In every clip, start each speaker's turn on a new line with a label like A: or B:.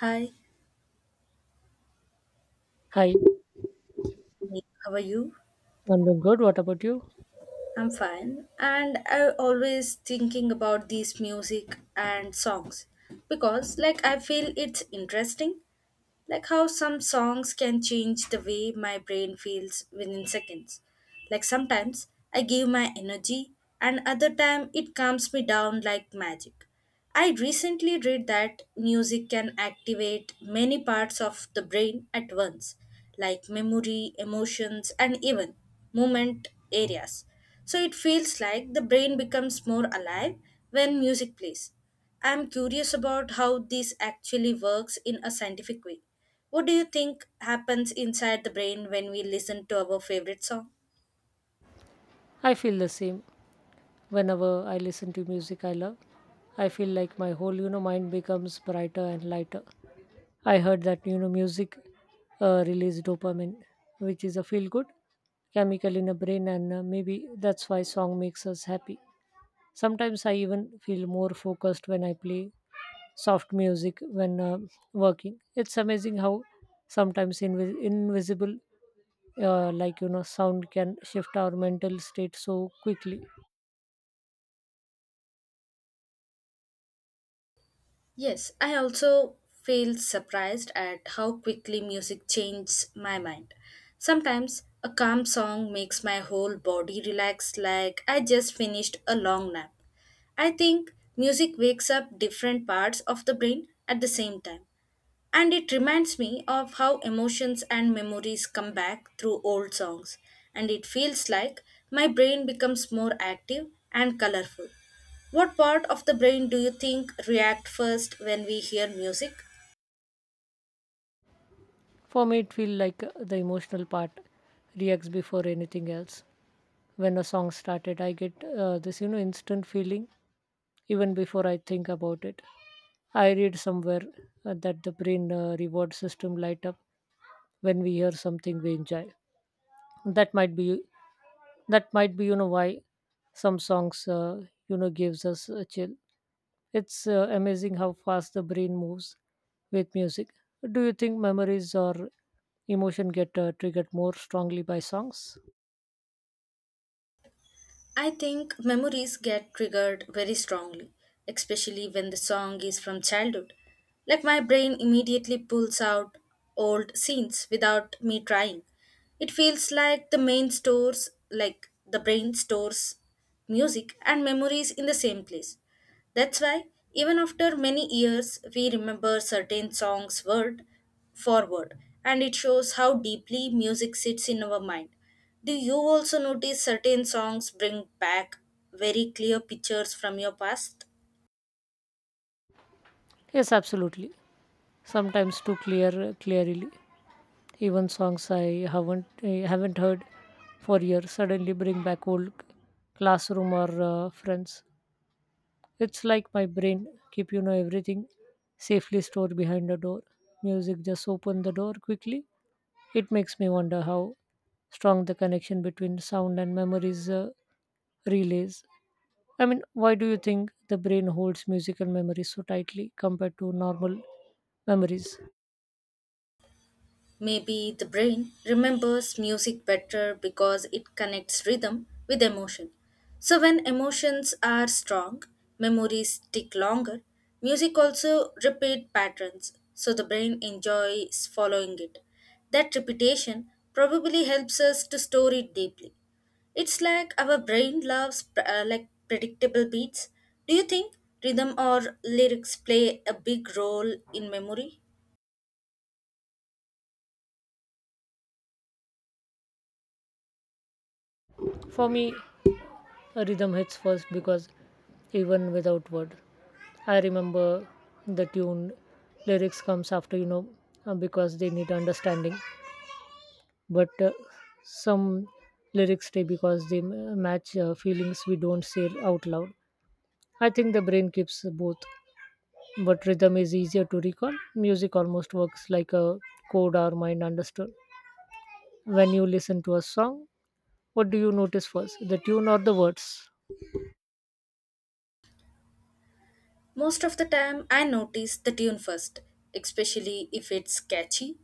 A: Hi,
B: Hi,
A: how are you?
B: I'm doing good. What about you?
A: I'm fine. And I always thinking about these music and songs because like I feel it's interesting like how some songs can change the way my brain feels within seconds. Like sometimes I give my energy and other time it calms me down like magic. I recently read that music can activate many parts of the brain at once, like memory, emotions, and even movement areas. So it feels like the brain becomes more alive when music plays. I'm curious about how this actually works in a scientific way. What do you think happens inside the brain when we listen to our favorite song?
B: I feel the same. Whenever I listen to music I love, I feel like my whole mind becomes brighter and lighter. I heard that music release dopamine, which is a feel good chemical in the brain, and maybe that's why song makes us happy. Sometimes I even feel more focused when I play soft music when working. It's amazing how sometimes invisible, sound can shift our mental state so quickly.
A: Yes, I also feel surprised at how quickly music changes my mind. Sometimes a calm song makes my whole body relax like I just finished a long nap. I think music wakes up different parts of the brain at the same time. And it reminds me of how emotions and memories come back through old songs. And it feels like my brain becomes more active and colorful. What part of the brain do you think react first when we hear music?
B: For me, it feels like the emotional part reacts before anything else. When a song started, I get this instant feeling even before I think about it. I read somewhere that the brain reward system light up when we hear something we enjoy. that might be that might be why some songs gives us a chill. It's amazing how fast the brain moves with music. Do you think memories or emotion get triggered more strongly by songs?
A: I think memories get triggered very strongly, especially when the song is from childhood. Like my brain immediately pulls out old scenes without me trying. It feels like the main stores, like the brain stores music and memories in the same place. That's why, even after many years, we remember certain songs word for word, and it shows how deeply music sits in our mind. Do you also notice certain songs bring back very clear pictures from your past?
B: Yes, absolutely. Sometimes too clearly, even songs I haven't heard for years suddenly bring back old classroom or friends. It's like my brain keep everything safely stored behind a door. Music just open the door quickly. It makes me wonder how strong the connection between sound and memories relays. I mean, why do you think the brain holds musical memories so tightly compared to normal memories?
A: Maybe the brain remembers music better because it connects rhythm with emotion. So, when emotions are strong, memories stick longer. Music also repeat patterns, so the brain enjoys following it. That repetition probably helps us to store it deeply. It's like our brain loves like predictable beats. Do you think rhythm or lyrics play a big role in memory?
B: For me, a rhythm hits first because even without word, I remember the tune. Lyrics comes after because they need understanding. But some lyrics stay because they match feelings we don't say out loud. I think the brain keeps both, but rhythm is easier to recall. Music almost works like a code our mind understood. When you listen to a song, what do you notice first, the tune or the words?
A: Most of the time, I notice the tune first, especially if it's catchy.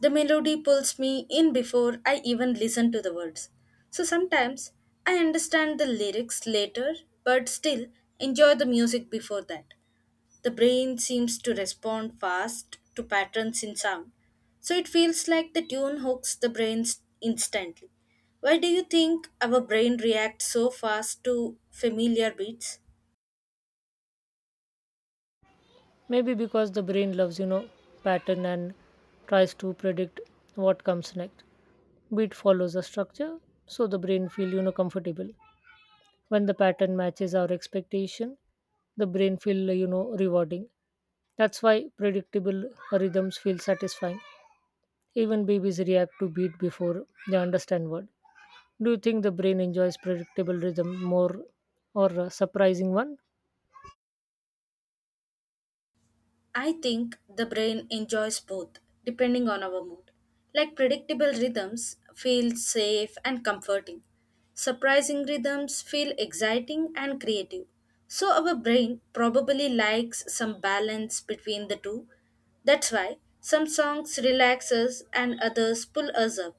A: The melody pulls me in before I even listen to the words. So sometimes I understand the lyrics later, but still enjoy the music before that. The brain seems to respond fast to patterns in sound, so it feels like the tune hooks the brain instantly. Why do you think our brain reacts so fast to familiar beats?
B: Maybe because the brain loves, you know, pattern and tries to predict what comes next. Beat follows a structure, so the brain feel, you know, comfortable. When the pattern matches our expectation, the brain feel rewarding. That's why predictable rhythms feel satisfying. Even babies react to beat before they understand word. Do you think the brain enjoys predictable rhythm more or a surprising one?
A: I think the brain enjoys both, depending on our mood. Like predictable rhythms feel safe and comforting. Surprising rhythms feel exciting and creative. So our brain probably likes some balance between the two. That's why some songs relax us and others pull us up.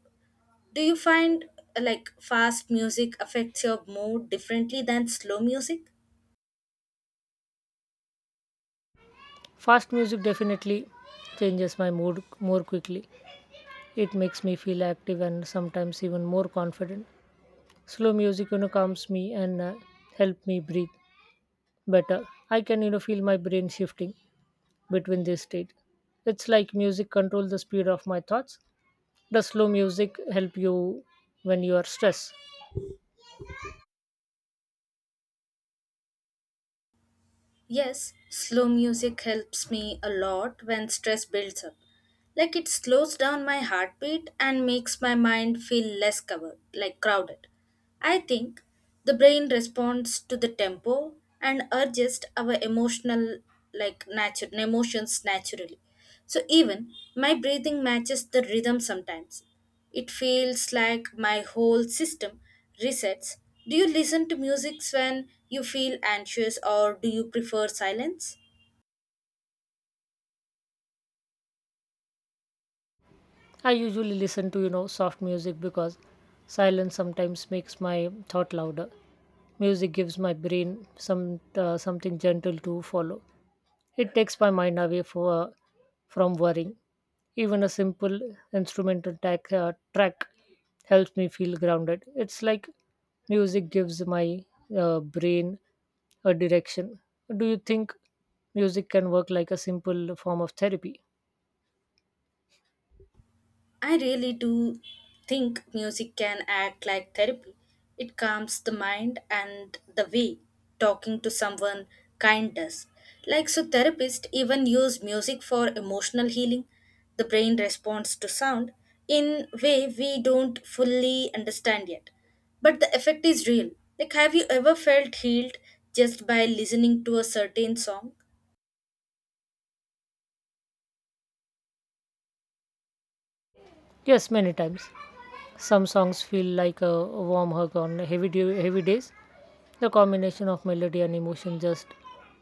A: Do you find like fast music affects your mood differently than slow music?
B: Fast music definitely changes my mood more quickly. It makes me feel active and sometimes even more confident. Slow music calms me and help me breathe better. I can feel my brain shifting between this state. It's like music controls the speed of my thoughts. Does slow music help you when you are stressed?
A: Yes, slow music helps me a lot when stress builds up. Like it slows down my heartbeat and makes my mind feel less covered, like crowded. I think the brain responds to the tempo and urges our emotional like nature emotions naturally. So even my breathing matches the rhythm sometimes. It feels like my whole system resets. Do you listen to music when you feel anxious or do you prefer silence?
B: I usually listen to, you know, soft music because silence sometimes makes my thought louder. Music gives my brain some something gentle to follow. It takes my mind away from worrying. Even a simple track helps me feel grounded. It's like music gives my brain a direction. Do you think music can work like a simple form of therapy?
A: I really do think music can act like therapy. It calms the mind and the way talking to someone kind does. Like so therapists even use music for emotional healing. The brain responds to sound in way we don't fully understand yet. But the effect is real. Like have you ever felt healed just by listening to a certain song?
B: Yes, many times. Some songs feel like a warm hug on heavy days. The combination of melody and emotion just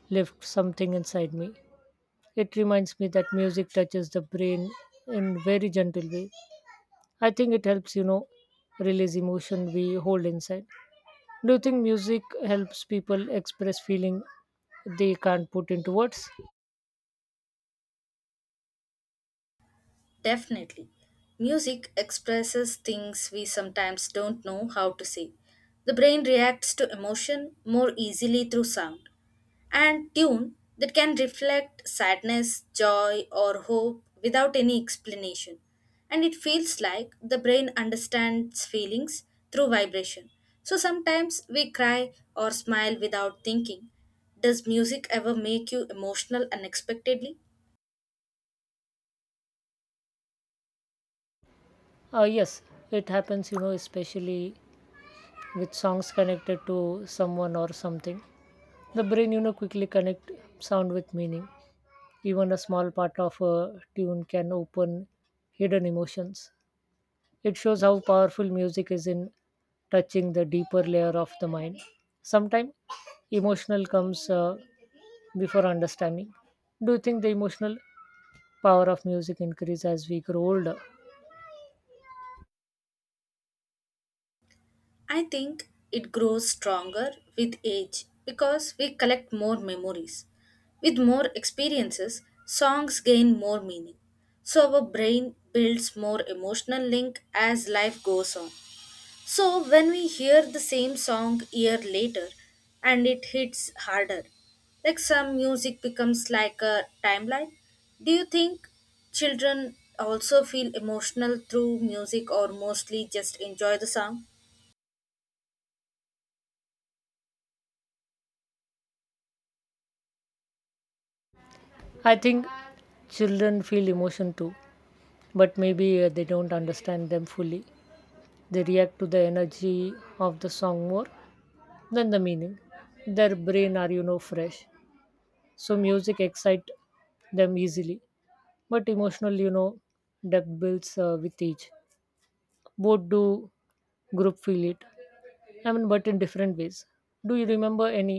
B: lifts something inside me. It reminds me that music touches the brain in very gentle way. I think it helps, you know, release emotion we hold inside. Do you think music helps people express feeling they can't put into words?
A: Definitely. Music expresses things we sometimes don't know how to say. The brain reacts to emotion more easily through sound and tune that can reflect sadness, joy, or hope without any explanation. And it feels like the brain understands feelings through vibration. So sometimes we cry or smile without thinking. Does music ever make you emotional unexpectedly?
B: Yes, it happens, you know, especially with songs connected to someone or something. The brain, you know, quickly connect sound with meaning. Even a small part of a tune can open hidden emotions. It shows how powerful music is in touching the deeper layer of the mind. Sometimes emotional comes before understanding. Do you think the emotional power of music increases as we grow older?
A: I think it grows stronger with age because we collect more memories. With more experiences, songs gain more meaning. So our brain builds more emotional link as life goes on. So when we hear the same song year later and it hits harder, like some music becomes like a timeline. Do you think children also feel emotional through music or mostly just enjoy the song?
B: I think children feel emotion too, but maybe they don't understand them fully. They react to the energy of the song more than the meaning. Their brain are fresh, so music excite them easily. But emotional debt builds with each. Both do group feel it, I mean, but in different ways. Do you remember any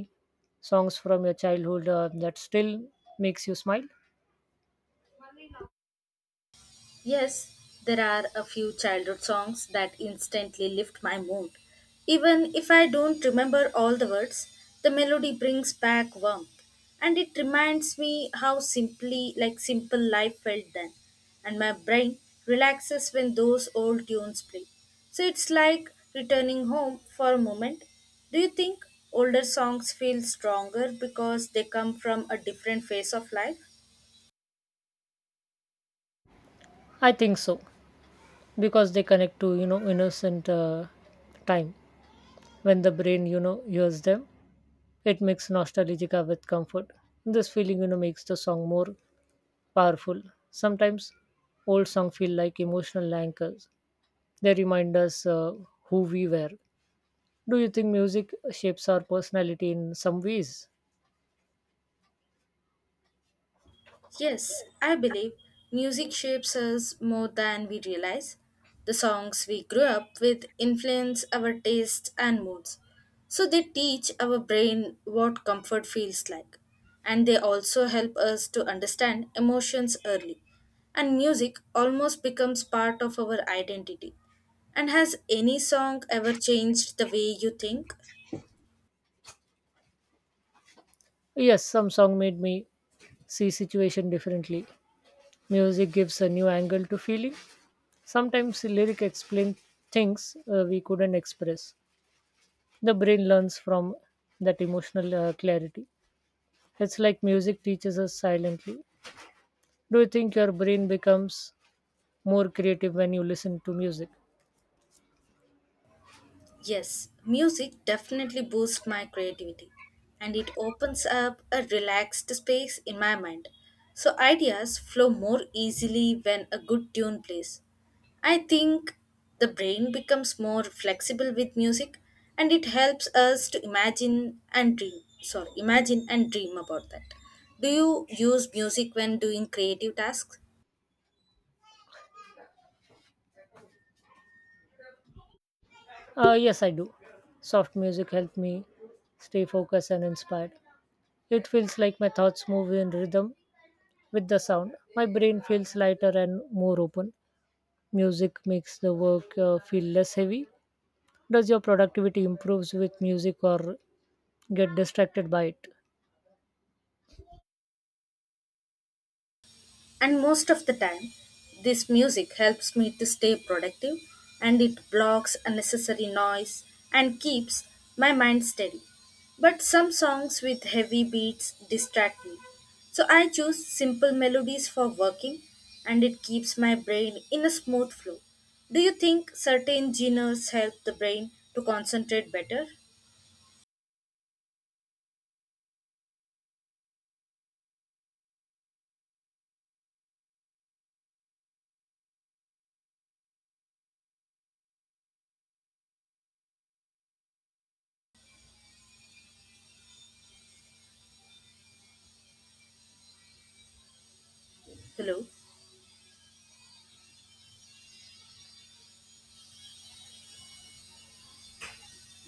B: songs from your childhood that still makes you smile?
A: Yes, there are a few childhood songs that instantly lift my mood. Even if I don't remember all the words, the melody brings back warmth and it reminds me how simply like simple life felt then and my brain relaxes when those old tunes play. So it's like returning home for a moment. Do you think older songs feel stronger because they come from a different phase of life?
B: I think so, because they connect to innocent time. When the brain hears them, it makes nostalgia with comfort. This feeling makes the song more powerful. Sometimes old songs feel like emotional anchors. They remind us who we were. Do you think music shapes our personality in some ways?
A: Yes, I believe music shapes us more than we realize. The songs we grew up with influence our tastes and moods. So they teach our brain what comfort feels like. And they also help us to understand emotions early. And music almost becomes part of our identity. And has any song ever changed the way you think?
B: Yes, some song made me see situation differently. Music gives a new angle to feeling. Sometimes lyric explain things we couldn't express. The brain learns from that emotional clarity. It's like music teaches us silently. Do you think your brain becomes more creative when you listen to music?
A: Yes, music definitely boosts my creativity and it opens up a relaxed space in my mind. So ideas flow more easily when a good tune plays. I think the brain becomes more flexible with music and it helps us to imagine and dream. Sorry, imagine and dream about that. Do you use music when doing creative tasks?
B: Yes, I do. Soft music helped me stay focused and inspired. It feels like my thoughts move in rhythm with the sound. My brain feels lighter and more open. Music makes the work feel less heavy. Does your productivity improves with music or get distracted by it?
A: And most of the time, this music helps me to stay productive and it blocks unnecessary noise and keeps my mind steady. But some songs with heavy beats distract me. So I choose simple melodies for working and it keeps my brain in a smooth flow. Do you think certain genres help the brain to concentrate better? Hello.